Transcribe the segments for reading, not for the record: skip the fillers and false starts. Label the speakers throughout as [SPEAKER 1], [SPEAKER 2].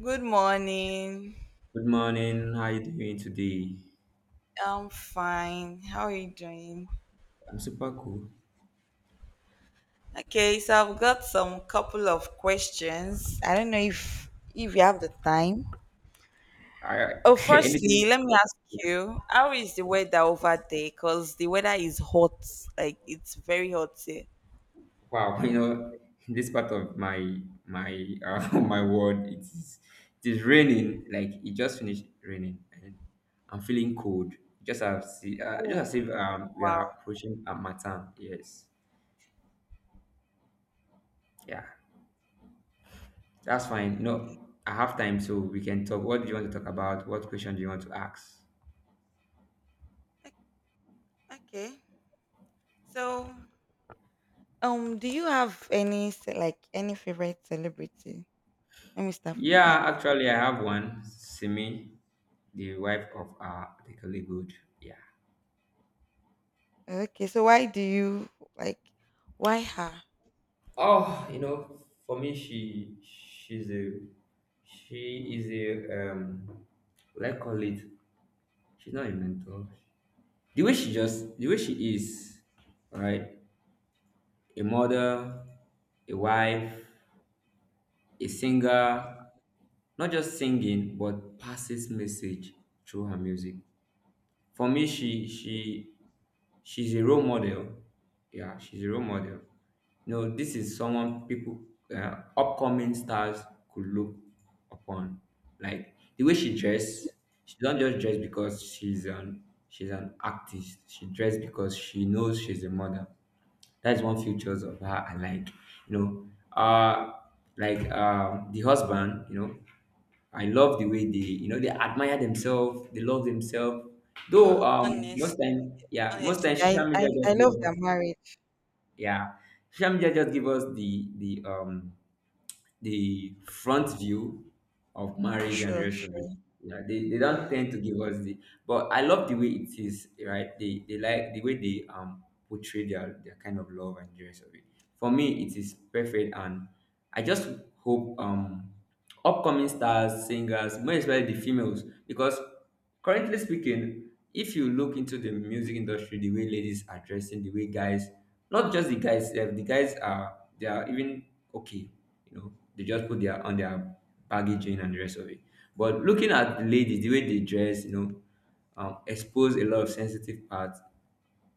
[SPEAKER 1] Good morning.
[SPEAKER 2] Good morning. How you doing today?
[SPEAKER 1] I'm fine. How are you doing?
[SPEAKER 2] I'm super cool.
[SPEAKER 1] Okay, so I've got some couple of questions. I don't know if you have the time.
[SPEAKER 2] I
[SPEAKER 1] Oh,
[SPEAKER 2] anything?
[SPEAKER 1] firstly, let me ask you, how is the weather over there? Because the weather is hot. Like it's very hot here.
[SPEAKER 2] Wow, this part of my my world, it is raining. Like it just finished raining, and I'm feeling cold. Just
[SPEAKER 1] Oh,
[SPEAKER 2] as if we
[SPEAKER 1] wow.
[SPEAKER 2] are approaching a matan. Yes, yeah, that's fine.
[SPEAKER 1] Okay.
[SPEAKER 2] No, I have time, so we can talk. What do you want to talk about? What question do you want to ask?
[SPEAKER 1] O- Okay. So, do you have any like any favorite celebrity? Let me start from that.
[SPEAKER 2] Yeah, actually, I have one. Simi, the wife of the colleague. Good. Yeah.
[SPEAKER 1] Okay, so why do you like why her?
[SPEAKER 2] Oh, you know, for me, she is a, let's call it, she's not a mentor. The way she is, right? A mother, a wife, a singer, not just singing but passes message through her music, for me she's a role model. Yeah, she's a role model. No, this is someone people, upcoming stars could look upon. Like the way she dress, she don't just dress because she's an artist. She dress because she knows she's a mother. That's one features of her I like. You know, uh like the husband, you know, I love the way they, you know, they admire themselves, they love themselves.
[SPEAKER 1] Oh,
[SPEAKER 2] Though most time, yeah, most
[SPEAKER 1] honestly,
[SPEAKER 2] time
[SPEAKER 1] I,
[SPEAKER 2] social
[SPEAKER 1] I,
[SPEAKER 2] media just
[SPEAKER 1] I
[SPEAKER 2] give
[SPEAKER 1] love their
[SPEAKER 2] us,
[SPEAKER 1] marriage.
[SPEAKER 2] yeah, social media just give us the the front view of marriage and the
[SPEAKER 1] Sure,
[SPEAKER 2] rest of it.
[SPEAKER 1] sure.
[SPEAKER 2] Yeah, they don't
[SPEAKER 1] Yeah.
[SPEAKER 2] tend to give us the, but I love the way it is, right? They like the way they portray their kind of love and the rest of it. For me it is perfect, and I just hope upcoming stars, singers, more especially the females, because currently speaking, if you look into the music industry, the way ladies are dressing, the way guys, not just the guys, eh, the guys are, they are even okay, you know, they just put their on their baggage in and the rest of it. But looking at the ladies, the way they dress, you know, expose a lot of sensitive parts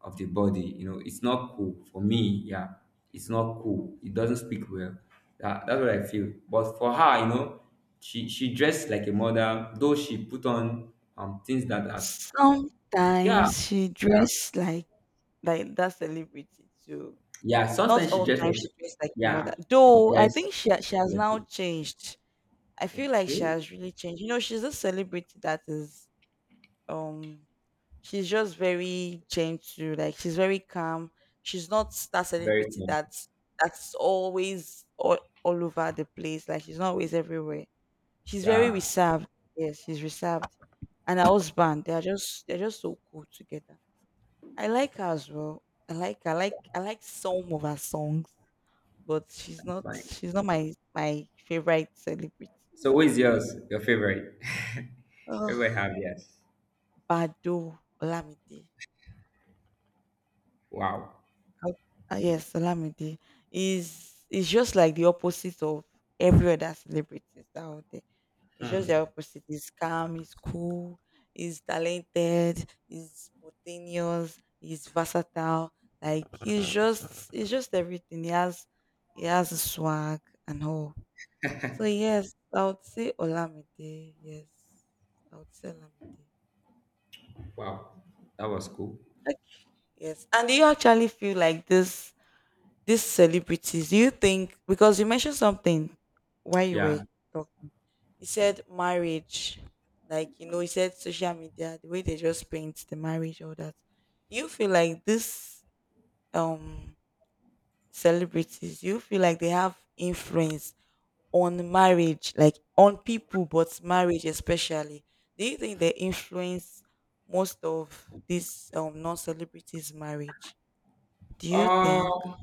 [SPEAKER 2] of the body. You know, it's not cool for me. Yeah, it's not cool. It doesn't speak well. That's what I feel. But for her, you know, she dressed like a mother, though she put on things that are, yeah,
[SPEAKER 1] Sometimes she
[SPEAKER 2] yeah,
[SPEAKER 1] dressed like that celebrity too.
[SPEAKER 2] yeah.
[SPEAKER 1] Not
[SPEAKER 2] Sometimes she
[SPEAKER 1] all
[SPEAKER 2] dressed
[SPEAKER 1] time she
[SPEAKER 2] like,
[SPEAKER 1] dressed like her
[SPEAKER 2] yeah,
[SPEAKER 1] mother.
[SPEAKER 2] she
[SPEAKER 1] Though I
[SPEAKER 2] dressed
[SPEAKER 1] think she she has
[SPEAKER 2] like
[SPEAKER 1] now
[SPEAKER 2] it.
[SPEAKER 1] changed. I feel like she
[SPEAKER 2] Okay,
[SPEAKER 1] has really changed. You know, she's a celebrity that is um she's just very gentle, like she's very calm. She's not that
[SPEAKER 2] very
[SPEAKER 1] celebrity
[SPEAKER 2] cool,
[SPEAKER 1] that's always all over the place. Like she's not always everywhere. She's very
[SPEAKER 2] yeah,
[SPEAKER 1] reserved. Yes, she's reserved. And her husband, they are just they're just so cool together. I like her as well. I like some of her songs, but
[SPEAKER 2] that's fine.
[SPEAKER 1] she's not my favorite celebrity.
[SPEAKER 2] So who
[SPEAKER 1] No.
[SPEAKER 2] is yours? Your favorite?
[SPEAKER 1] Ugh.
[SPEAKER 2] Everybody have, yes.
[SPEAKER 1] Bado Olamide.
[SPEAKER 2] Wow.
[SPEAKER 1] Oh, yes, Olamide is just like the opposite of every other celebrity out there. It's just the
[SPEAKER 2] Hmm.
[SPEAKER 1] opposite. He's calm, he's cool, he's talented, he's spontaneous, he's versatile. Like he's just everything. He has a swag and all. So yes, I would say Olamide. Yes. I would say Olamide.
[SPEAKER 2] Wow. That was cool.
[SPEAKER 1] Yes. And do you actually feel like this these celebrities? Do you think because you mentioned something while you were
[SPEAKER 2] Yeah.
[SPEAKER 1] talking? He said marriage, like, you know, he said social media the way they just paint the marriage all that. Do you feel like this um celebrities? Do you feel like they have influence on marriage, like on people, but marriage especially? Do you think they influence most of these non-celebrities marriage? Do you think?
[SPEAKER 2] Um.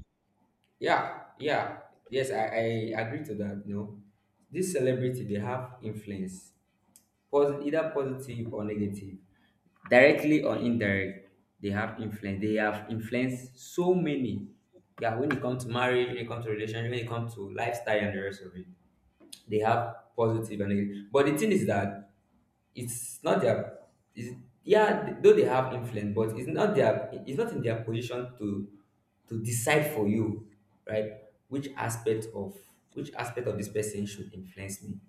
[SPEAKER 2] Yeah, yeah, yes, I agree to that. You know, this celebrity they have influence, either positive or negative, directly or indirect. They have influence. They have influenced so many. Yeah, when it comes to marriage, when it comes to relationship, when it comes to lifestyle and the rest of it, they have positive and negative. But the thing is that it's not their it's, yeah though they have influence, but it's not their, it's not in their position to decide for you, right? Which aspect of which aspect of this person should influence me?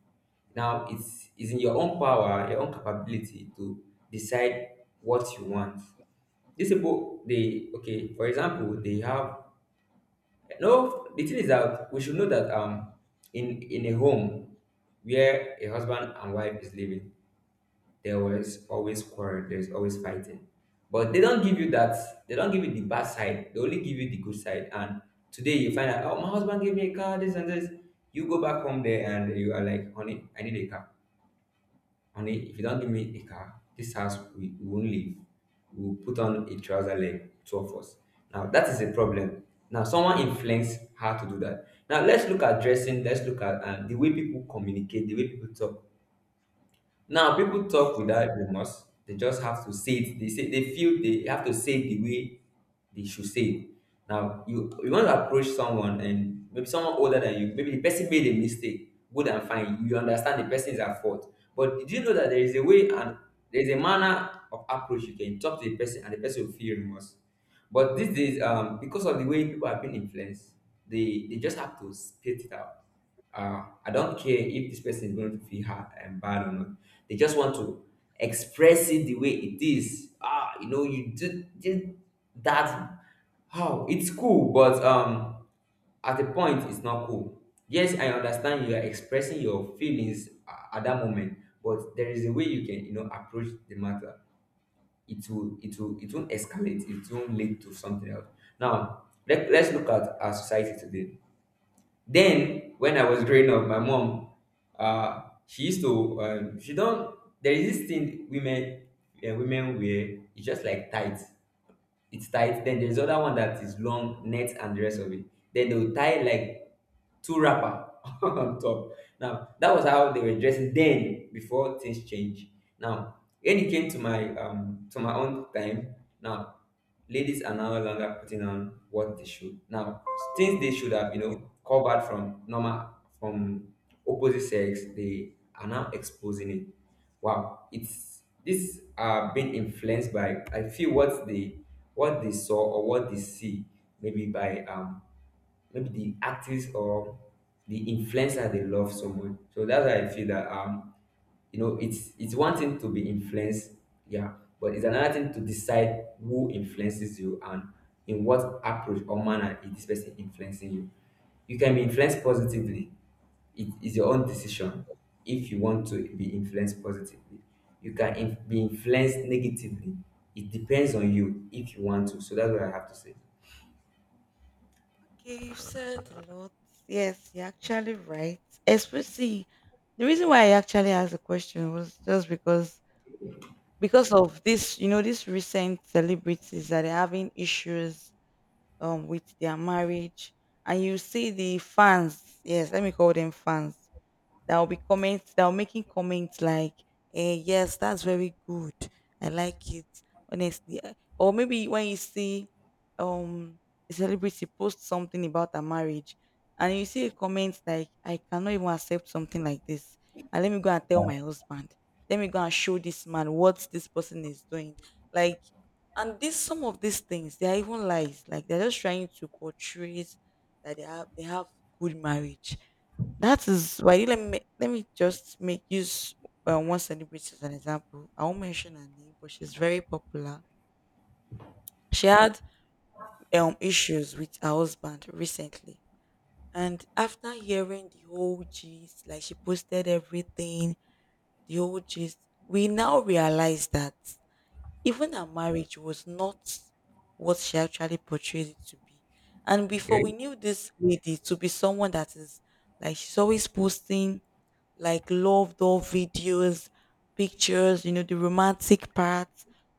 [SPEAKER 2] Now it's in your own power, your own capability to decide what you want. These people they, okay, for example, they have, no, the thing is that we should know that, in a home where a husband and wife is living, there was always quarrel. There's always fighting. But they don't give you that. They don't give you the bad side. They only give you the good side. And today you find out, oh, my husband gave me a car, this and this. You go back home there and you are like, honey, I need a car. Honey, if you don't give me a car, this house, we won't leave. We'll put on a trouser leg, two of us. Now, that is a problem. Now, someone influenced how to do that. Now, let's look at dressing. Let's look at the way people communicate, the way people talk. Now people talk
[SPEAKER 1] Yes?
[SPEAKER 2] without remorse. They just have to say it. They say they feel they have to say it the way they should say it. Now you want to approach someone and maybe someone older than you, maybe the person made a mistake. Good and fine. You understand the person is at fault. But did you know that there is a way, and there is a manner of approach you can talk to the person and the person will feel remorse. But these days, because of the way people have been influenced, they just have to spit it out. I don't care if this person is going to feel bad or not. They just want to express it the way it is. Ah, you know, did that. How it's cool, but at a point, it's not cool. Yes, I understand you are expressing your feelings at that moment, but there is a way you can, you know, approach the matter. It will, it won't escalate. It won't lead to something else. Now, let's look at our society today, then when I was growing up, my mom, she used to, she don't. There is this thing women, women wear. It's just like tight. It's tight. Then there's other one that is long net and the rest of it. Then they'll tie like two wrapper on top. Now that was how they were dressing then before things change. Now when it came to my own time, now ladies are no longer putting on what they should. Now things they should have, you know, covered from normal, from opposite sex, they are now exposing it. Wow, it's this are being influenced by, I feel, what they, what they saw or what they see, maybe by maybe the artist or the influencer they love someone. So that's why I feel that, you know, it's one thing to be influenced, yeah, but it's another thing to decide who influences you and in what approach or manner is this person influencing you. You can be influenced positively. It is your own decision if you want to be influenced positively. You can be influenced negatively. It depends on you if you want to. So that's what I have to say.
[SPEAKER 1] Okay, you've said a lot. Yes, you're actually right. Especially the reason why I actually asked the question was just because of this, you know, these recent celebrities that are having issues with their marriage, and you see the fans. Yes, let me call them fans that will be comments that will making comments like, eh, yes, that's very good. I like it. Honestly. I-" Or maybe when you see um a celebrity post something about a marriage and you see a comment like, I cannot even accept something like this. And let me go and tell my husband. Let me go and show this man what this person is doing. Like and this some of these things, they are even lies. Like they're just trying to portray that they have good marriage. That is why let me just make use one celebrity as an example. I won't mention her name, but she's very popular. She had issues with her husband recently, and after hearing the whole gist, like she posted everything, the whole gist, we now realize that. Even her marriage was not what she actually portrayed it to be. And before
[SPEAKER 2] Okay.
[SPEAKER 1] we knew this lady to be someone that is like she's always posting like love all videos, pictures, you know, the romantic part,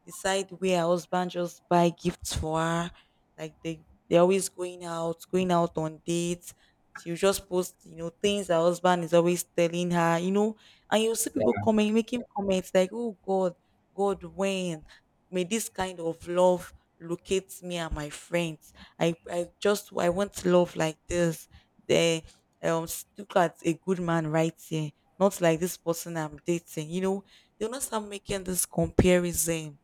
[SPEAKER 1] the side where her husband just buy gifts for her. Like they're always going out on dates. She'll just post, you know, things her husband is always telling her, you know, and you'll see people
[SPEAKER 2] Yeah.
[SPEAKER 1] comment making comments like, Oh God, God when? May this kind of love locate me and my friends. I just I want love like this. They look at a good man right here, not like this person I'm dating. You know, they'll not start making this comparison.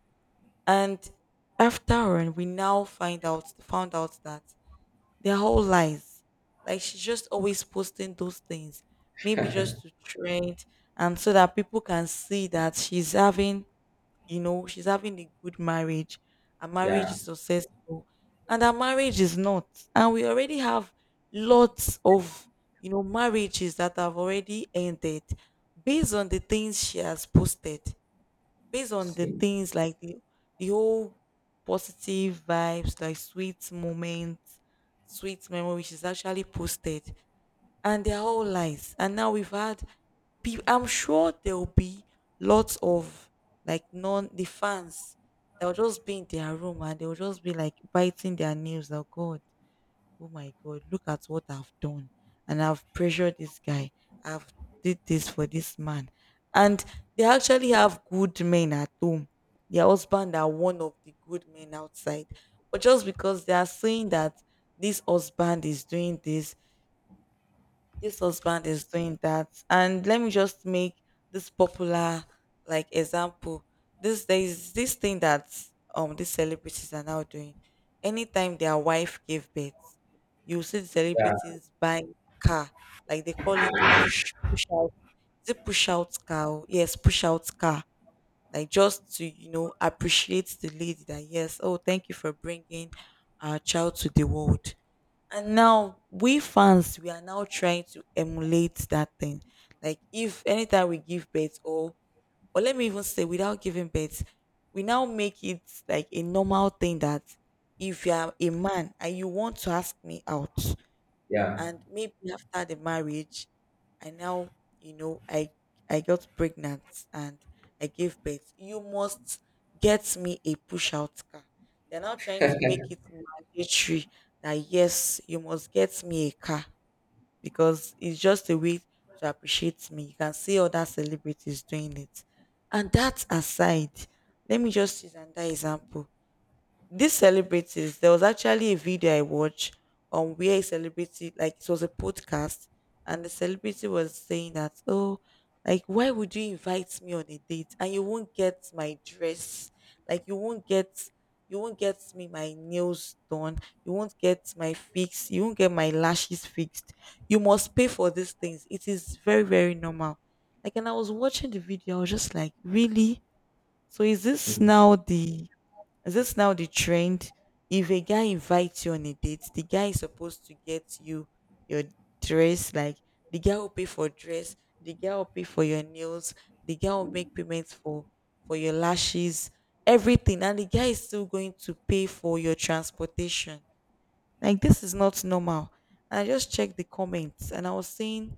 [SPEAKER 1] And after on, we now find out found out that they're all lies. Like she's just always posting those things, maybe just to trend and so that people can see that she's having, you know, she's having a good marriage. Her marriage
[SPEAKER 2] Yeah.
[SPEAKER 1] is successful. And her marriage is not. And we already have lots of, you know, marriages that have already ended based on the things she has posted, based on
[SPEAKER 2] See?
[SPEAKER 1] the whole positive vibes, like sweet moments, sweet memories she's actually posted, and they're all lies. And now we've had, I'm sure there will be lots of like non the fans that will just be in their room and they will just be like biting their nails. Oh God, oh my God, look at what I've done, and I've pressured this guy. I've did this for this man, and they actually have good men at home. Their husband are one of the good men outside, but just because they are saying that this husband is doing this, this husband is doing that. And let me just make this popular, like example. This there is this thing that these celebrities are now doing anytime their wife gave birth. You see the
[SPEAKER 2] Yeah,
[SPEAKER 1] celebrities buy car, like they call it push out. Is it push out car? Yes, push out car. Like just to, you know, appreciate the lady that yes, oh, thank you for bringing our child to the world. And now we fans, we are now trying to emulate that thing. Like if anytime we give birth, or let me even say without giving birth, we now make it like a normal thing that if you are a man and you want to ask me out,
[SPEAKER 2] yeah,
[SPEAKER 1] and maybe after the marriage, I now, you know, I got pregnant, and I gave birth, you must get me a push out car. They're now trying to make it mandatory that yes, you must get me a car because it's just a way to appreciate me. You can see other celebrities doing it. And that aside, let me just use another example. These celebrities, there was actually a video I watched on where a celebrity, like it was a podcast, and the celebrity was saying that, oh, like why would you invite me on a date and you won't get my dress, like you won't get me my nails done, you won't get my fix, you won't get my lashes fixed. You must pay for these things. It is very very normal. Like and I was watching the video, I was just like, really? So
[SPEAKER 2] hmm,
[SPEAKER 1] is this now the trend? If a guy invites you on a date, the guy is supposed to get you your dress. Like the guy will pay for dress, the guy will pay for your nails, the guy will make payments for your lashes, everything, and the guy is still going to pay for your transportation. Like this is not normal. And I just checked the comments, and I was saying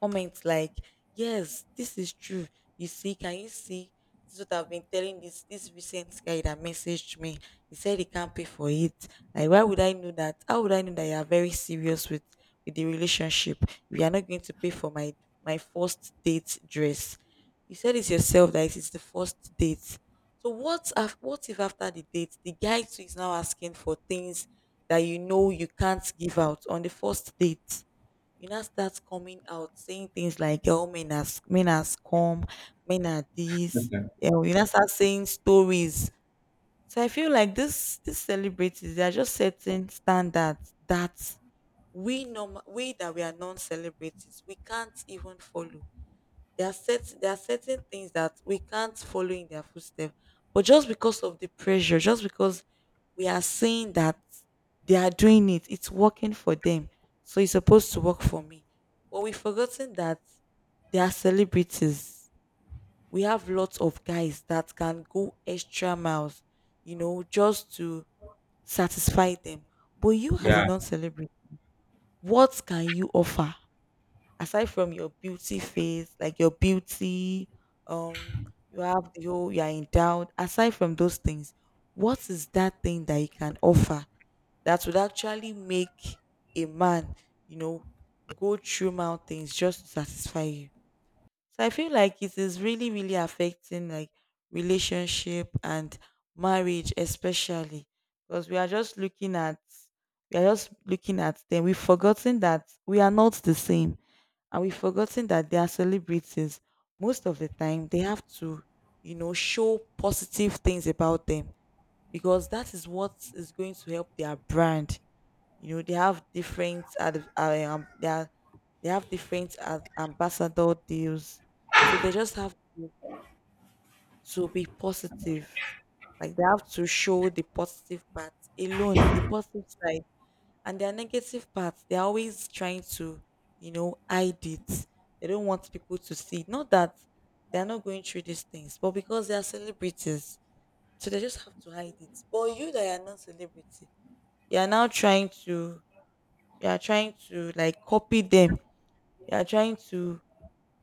[SPEAKER 1] comments like, yes, this is true. You see, can you see? This is what I've been telling this recent guy that messaged me. He said he can't pay for it. Like, why would I know that? How would I know that you are very serious with the relationship? If you are not going to pay for my first date dress. You said it yourself that it is the first date. So what if after the date the guy too is now asking for things that you know you can't give out on the first date? You now start coming out saying things like, oh, men are men are scum, men are this, you know, you now start saying stories. So I feel like this these celebrities they are just setting standards that we normal, we that we are non-celebrities, we can't even follow. There are certain things that we can't follow in their footsteps. But just because of the pressure, just because we are seeing that they are doing it, it's working for them. So it's supposed to work for me. But we've forgotten that they are celebrities. We have lots of guys that can go extra miles, you know, just to satisfy them. But you as a
[SPEAKER 2] yeah.
[SPEAKER 1] non-celebrity, what can you offer? Aside from your beauty phase, like your beauty, um, you have the whole you are endowed. Aside from those things, what is that thing that you can offer that would actually make a man, you know, go through mountains just to satisfy you? So I feel like it is really, really affecting like relationship and marriage, especially because we are just looking at them. We've forgotten that we are not the same, and we've forgotten that they are celebrities. Most of the time, they have to, you know, show positive things about them because that is what is going to help their brand, you know, they have different ad- they, are, they have different ad- ambassador deals, so they just have to be positive. Like they have to show the positive part alone, the positive side, and their negative parts. They're always trying to, you know, hide it. They don't want people to see. Not that they're not going through these things, but because they are celebrities, so they just have to hide it. But you that are not celebrity, you are now trying to, you are trying to like copy them, you are trying to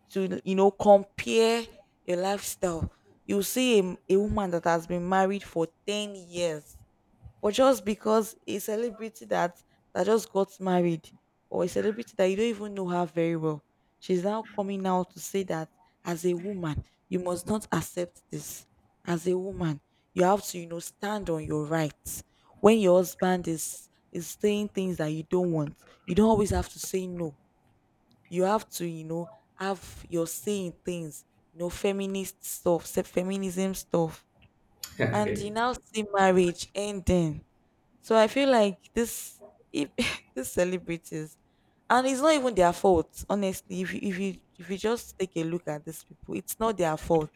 [SPEAKER 1] to you know, compare your lifestyle. You see a woman that has been married for 10 years, but just because a celebrity that just got married, or a celebrity that you don't even know her very well, she's now coming out to say that as a woman, you must not accept this. As a woman, you have to, you know, stand on your rights. When your husband is saying things that you don't want, you don't always have to say no. You have to, you know, have your say in things, you know, feminist stuff, feminism stuff. And you
[SPEAKER 2] Okay.
[SPEAKER 1] now see marriage ending. So I feel like this, if these celebrities, and it's not even their fault, honestly. If you if you just take a look at these people, it's not their fault.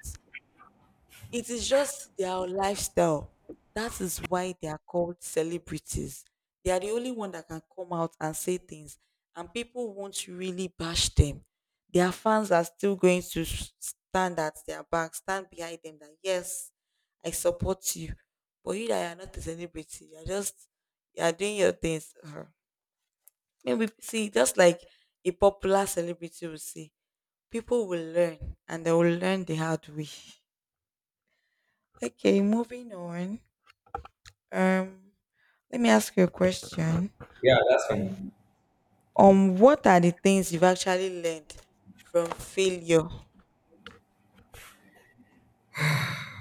[SPEAKER 1] It is just their lifestyle. That is why they are called celebrities. They are the only one that can come out and say things, and people won't really bash them. Their fans are still going to stand at their back, stand behind them. That yes, I support you, but you that you are not a celebrity, you are just, you are doing your things. Uh-huh. Maybe see just like a popular celebrity will see, people will learn, and they will learn the hard way. Okay, moving on. Um, Let me ask you a question.
[SPEAKER 2] Yeah, that's fine.
[SPEAKER 1] What are the things you've actually learned from failure?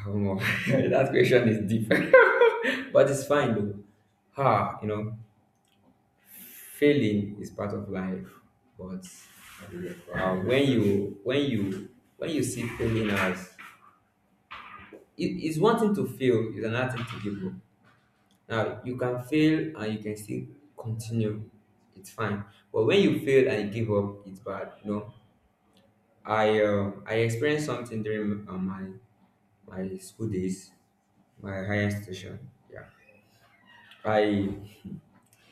[SPEAKER 2] Oh, that question is deep, but it's fine though. Ah, you know, failing is part of life, but uh, when you when you when you see failing as, it's one thing to fail, it's another thing to give up. Now you can fail and you can still continue. It's fine. But when you fail and you give up, it's bad. You know, I experienced something during my my school days, my higher station. Yeah, I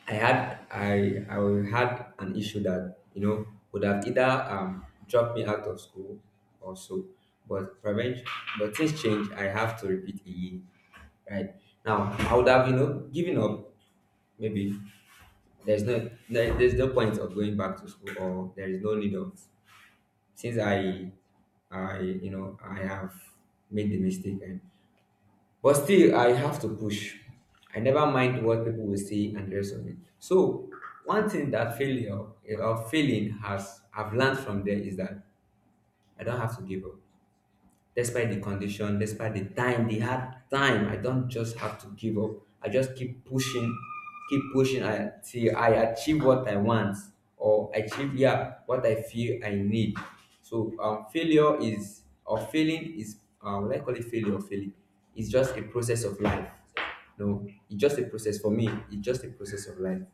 [SPEAKER 2] I had an issue that, you know, would have either dropped me out of school or so, but prevention. But things change. I have to repeat again. Right now, I would have, you know, given up. Maybe there's no point of going back to school, or there is no need of, since I you know I have, made the mistake, and, but still, I have to push. I never mind what people will say and the rest of it. So, one thing that failure or failing has, I've learned from there, is that I don't have to give up despite the condition, despite the time, the hard time. I don't just have to give up. I just keep pushing until I achieve what I want, or achieve, yeah, what I feel I need. So failure is, or failing is, what I call it, failure or failing. It's just a process of life. No, it's just a process for me. It's just a process of life.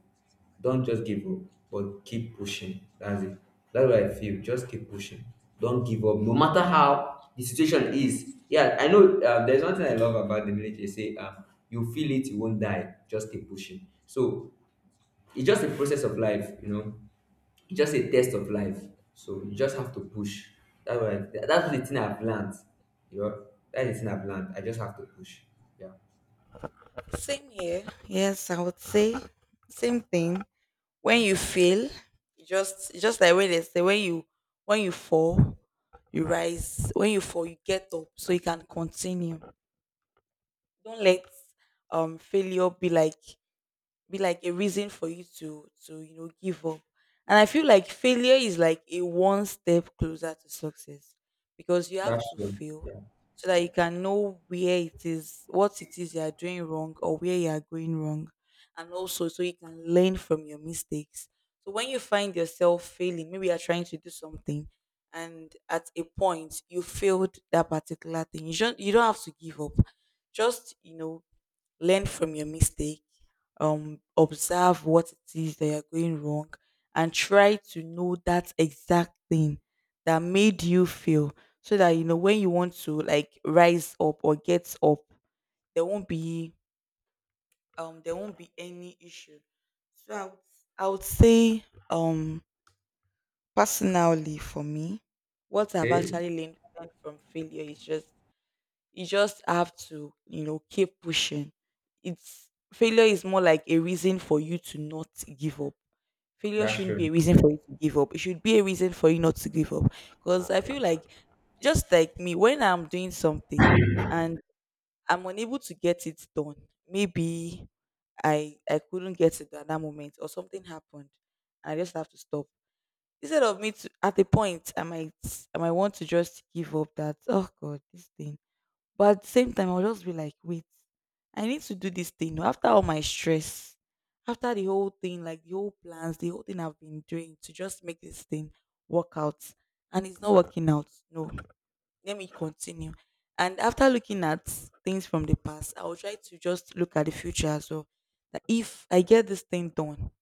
[SPEAKER 2] Don't just give up, but keep pushing. That's it. That's what I feel. Just keep pushing. Don't give up, no matter how the situation is. Yeah, I know. There's one thing I love about the military. Say, you feel it, you won't die. Just keep pushing. So it's just a process of life, you know. It's just a test of life. So you just have to push. That's the thing I've learned. You know, that's the thing I've learned. I just have to push. Yeah,
[SPEAKER 1] Same here. Yes, I would say same thing. When you fail, you just like when they say, when you, when you fall, you rise. When you fall, you get up so you can continue. Don't let failure be like, be like a reason for you to, you know, give up. And I feel like failure is like a one step closer to success, because you have
[SPEAKER 2] that's
[SPEAKER 1] to
[SPEAKER 2] true.
[SPEAKER 1] fail
[SPEAKER 2] Yeah,
[SPEAKER 1] so that you can know where it is, what it is you are doing wrong, or where you are going wrong, and also so you can learn from your mistakes. So when you find yourself failing, maybe you're trying to do something and at a point you failed that particular thing, you don't have to give up. Just, you know, learn from your mistake, observe what it is that you're going wrong, and try to know that exact thing that made you feel, so that you know when you want to like rise up or get up, there won't be, there won't be any issue. So I would say, um, personally for me, what I've
[SPEAKER 2] okay,
[SPEAKER 1] actually learned from failure is just, you just have to, you know, keep pushing. It's, failure is more like a reason for you to not give up. Failure
[SPEAKER 2] that's
[SPEAKER 1] shouldn't be
[SPEAKER 2] true.
[SPEAKER 1] a reason for you to give up, it should be a reason for you not to give up, because I
[SPEAKER 2] Yeah,
[SPEAKER 1] feel like, just like me, when I'm doing something and I'm unable to get it done, maybe I couldn't get it at that moment or something happened and I just have to stop, instead of me to, at the point, I might want to just give up, that oh God, this thing. But at the same time, I'll just be like, wait, I need to do this thing. Oh, after all my stress, after the whole thing, like the whole plans, the whole thing I've been doing to just make this thing work out. And it's not working out. No, let me continue. And after looking at things from the past, I will try to just look at the future as well. That if I get this thing done,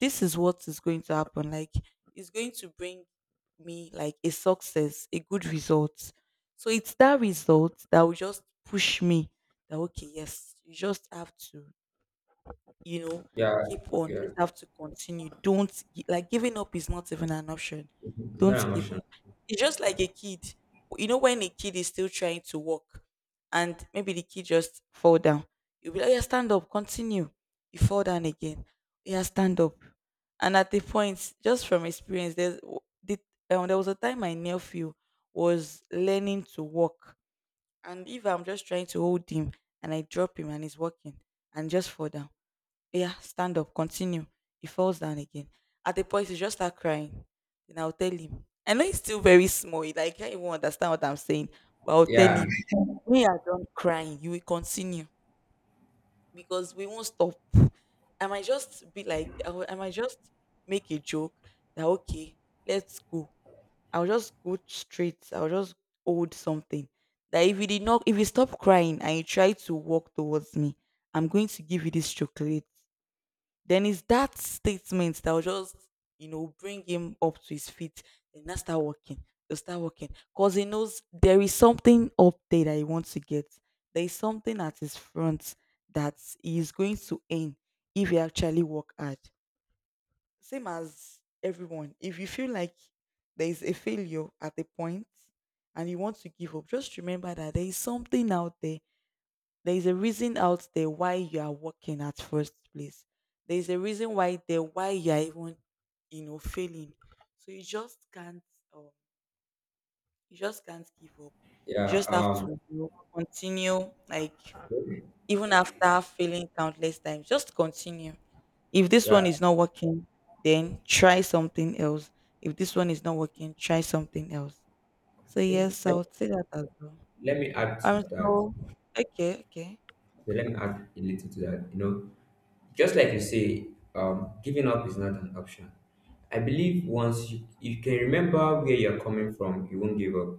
[SPEAKER 1] this is what is going to happen. Like it's going to bring me like a success, a good result. So it's that result that will just push me, that okay, yes, you just have to, you know,
[SPEAKER 2] yeah,
[SPEAKER 1] keep on,
[SPEAKER 2] yeah.
[SPEAKER 1] just have to continue. Don't like, giving up is not even an option.
[SPEAKER 2] It's
[SPEAKER 1] Don't
[SPEAKER 2] not
[SPEAKER 1] give
[SPEAKER 2] emotional.
[SPEAKER 1] up. It's just
[SPEAKER 2] Yeah.
[SPEAKER 1] like a kid, you know, when a kid is still trying to walk and maybe the kid just fall down, you'll be like, yeah, stand up, continue. You fall down again, yeah, stand up. And at the point, just from experience, the, there was a time my nephew was learning to walk, and if I'm just trying to hold him and I drop him and he's walking and just fall down, yeah, stand up, continue. He falls down again. At the point, he just start crying. Then I'll tell him. I know he's still very small. He like can't even understand what I'm saying. But I'll tell
[SPEAKER 2] Yeah.
[SPEAKER 1] him, when you are done crying, you will continue because we won't stop. I might just be like, I might just make a joke that okay, let's go. I'll just go straight. I'll just hold something. That if you did not, if you stop crying and you try to walk towards me, I'm going to give you this chocolate. Then it's that statement that will just, you know, bring him up to his feet and now start walking. He'll start walking. Because he knows there is something up there that he wants to get. There is something at his front that he is going to aim, if he actually work hard. Same as everyone. If you feel like there is a failure at a point and you want to give up, just remember that there is something out there, there is a reason out there why you are working at first place. There is a reason why you are even, you know, failing. So you just can't, um, you just can't give up. You
[SPEAKER 2] Yeah.
[SPEAKER 1] just have to, you know, continue, like even after failing countless times, just continue. If this one
[SPEAKER 2] Yeah.
[SPEAKER 1] is not working, then try something else. If this one is not working, try something else. So
[SPEAKER 2] Okay.
[SPEAKER 1] yes, I would say that as well.
[SPEAKER 2] Let me add to
[SPEAKER 1] Um
[SPEAKER 2] that.
[SPEAKER 1] so okay, okay.
[SPEAKER 2] Okay, let me add a little to that. You know, just like you say, giving up is not an option. I believe once you can remember where you're coming from, you won't give up.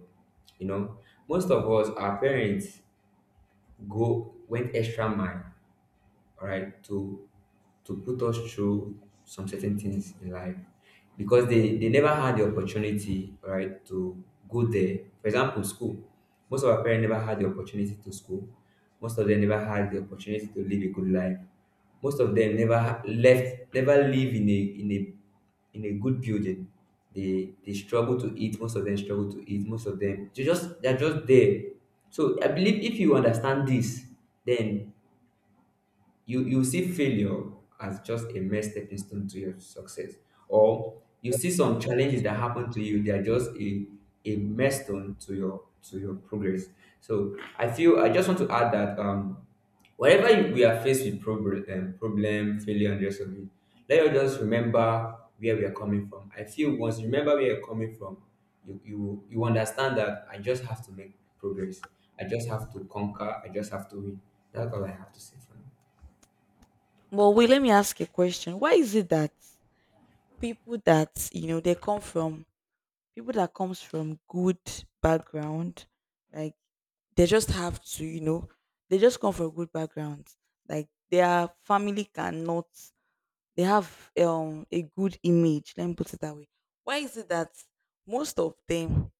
[SPEAKER 2] You know, most of us, our parents go went extra mile, all right, to put us through some certain things in life because they never had the opportunity, all right, to go there, for example, school. Most of our parents never had the opportunity to school. Most of them never had the opportunity to live a good life. Most of them never ha- left never live in a in a good building. They struggle to eat, most of them struggle to eat, most of them they're just there. So I believe if you understand this, then you see failure as just a mere stepping stone to your success, or you see some challenges that happen to you, they are just a mere stone to your progress. So I feel I just want to add that, whenever we are faced with problem, problem, failure and the rest of it, let us just remember where we are coming from. I feel once you remember where you're coming from, you understand that I just have to make progress. I just have to conquer, I just have to win. That's all I have to say for now.
[SPEAKER 1] But wait, let me ask a question. Why is it that people that, you know, they come from, people that comes from good background, like they just have to, you know, they just come from good background. Like their family cannot, they have a good image, let me put it that way. Why is it that most of them,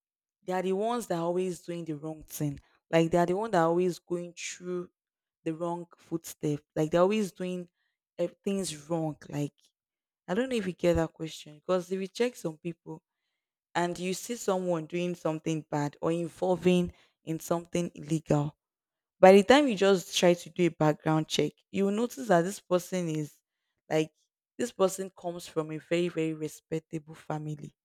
[SPEAKER 1] they are the ones that are always doing the wrong thing, like they are the one that are always going through the wrong footstep, like they're always doing, things wrong, like I don't know if you get that question, because if you check some people and you see someone doing something bad or involving in something illegal, by the time you just try to do a background check, you will notice that this person is, like, this person comes from a very, very respectable family.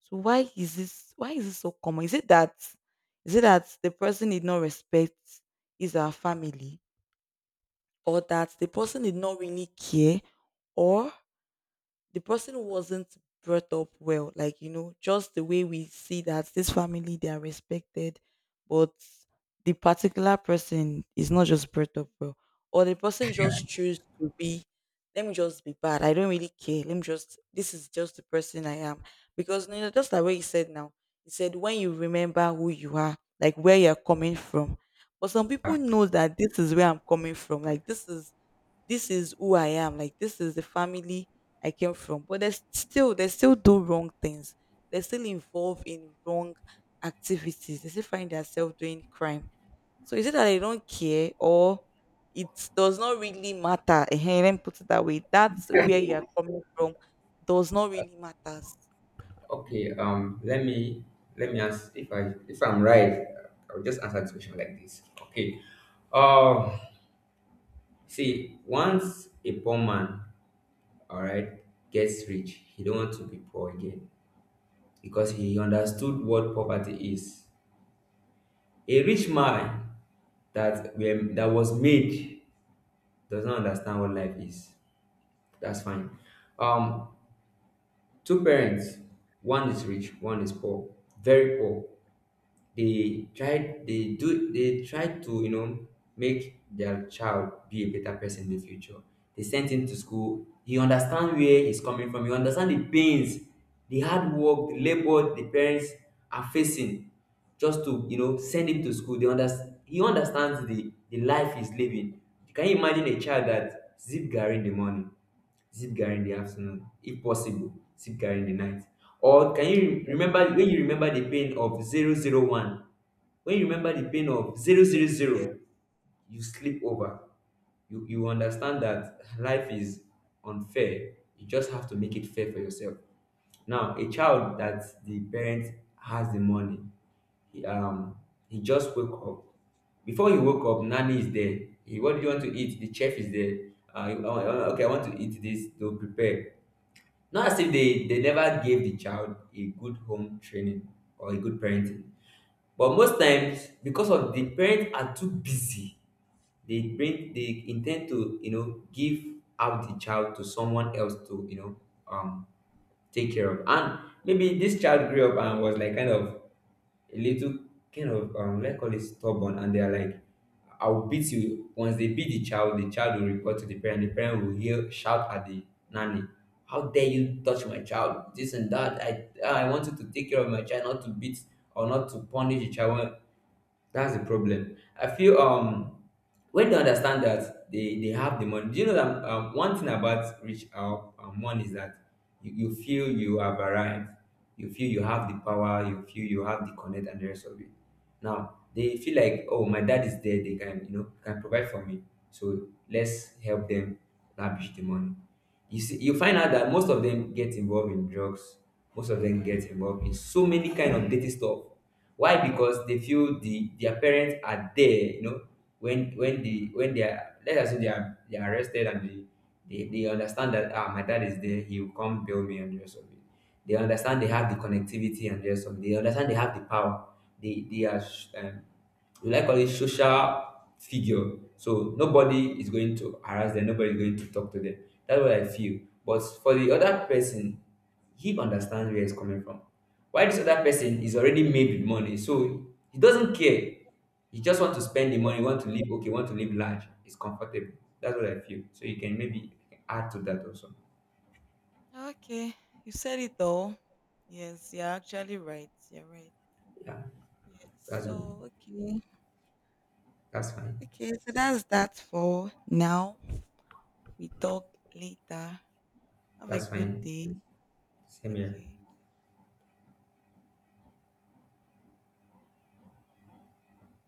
[SPEAKER 1] So why is this so common? Is it that, is it that the person did not respect is our family? Or that the person did not really care? Or the person wasn't brought up well, like, you know, just the way we see that this family they are respected, but the particular person is not just brought up well, or the person just choose to be, let me just be bad, I don't really care, let me just, this is just the person I am. Because you know, just like way you said now, he said when you remember who you are, like where you're coming from, but some people know that this is where I'm coming from, like this is, this is who I am. Like this is the family I came from. But there's still, they still do wrong things. They still involved in wrong activities. They still find themselves doing crime. So is it that they don't care, or it does not really matter? Hey, let me put it that way. That's where you are coming from. Does not really matter.
[SPEAKER 2] Okay, let me ask, if I if I'm right, I'll just answer this question like this. Okay. Um, see, once a poor man, all right, gets rich, he don't want to be poor again because he understood what poverty is. A rich man that was made does not understand what life is. That's fine. Um, two parents, one is rich, one is poor, very poor. They tried to, you know, make their child be a better person in the future. They sent him to school. He understand where he's coming from, he understand the pains, the hard work, the labor the parents are facing just to, you know, send him to school. They understand He understands the life he's living. Can you imagine a child that zip garri in the morning, Zipcar in the afternoon, if possible, Zipcar in the night? Or can you remember when you remember the pain of 0 0 1? When you remember the pain of zero zero
[SPEAKER 1] Yeah.
[SPEAKER 2] zero, you sleep over. You understand that life is unfair. You just have to make it fair for yourself. Now, a child that the parent has the money, he, um, he just woke up. Before he woke up, nanny is there. He, what do you want to eat? The chef is there. Okay, I want to eat this. They'll prepare. Not as if they never gave the child a good home training or a good parenting. But most times, because of the parents are too busy, they intend to, you know, give out the child to someone else to, you know, um take care of. And maybe this child grew up and was like kind of a little, kind of, let's call it stubborn, and they are like, I'll beat you. Once they beat the child will report to the parent. The parent will hear, shout at the nanny, "How dare you touch my child? This and that. I want you to take care of my child, not to beat or not to punish the child." That's the problem. I feel, when they understand that they have the money. Do you know that, one thing about rich money is that you feel you have arrived, you feel you have the power, you feel you have the connect and the rest of it. Now they feel like, oh, my dad is there, they can, you know, can provide for me, so let's help them lavish the money. You see, you find out that most of them get involved in drugs, most of them get involved in so many kind of dirty stuff. Why? Because they feel their parents are there, you know, when they are, let's assume, they are arrested and they understand that, ah, my dad is there, he will come bail me and the rest of it. They understand they have the connectivity and the rest of it. They understand they have the power. They they are sh- um, we like all it social figure. So nobody is going to harass them, nobody is going to talk to them. That's what I feel. But for the other person, he understands where it's coming from. Why this other person is already made with money, so he doesn't care. He just want to spend the money, want to live okay, want to live large. It's comfortable. That's what I feel. So you can maybe add to that also.
[SPEAKER 1] Okay, you said it all. Yes, you're actually right. You're right.
[SPEAKER 2] Yeah,
[SPEAKER 1] Yes.
[SPEAKER 2] that's
[SPEAKER 1] So
[SPEAKER 2] good.
[SPEAKER 1] okay.
[SPEAKER 2] That's fine.
[SPEAKER 1] Okay. So that's that for now. We talk later. Have a
[SPEAKER 2] That's
[SPEAKER 1] good
[SPEAKER 2] fine.
[SPEAKER 1] day.
[SPEAKER 2] Same here.
[SPEAKER 1] Okay.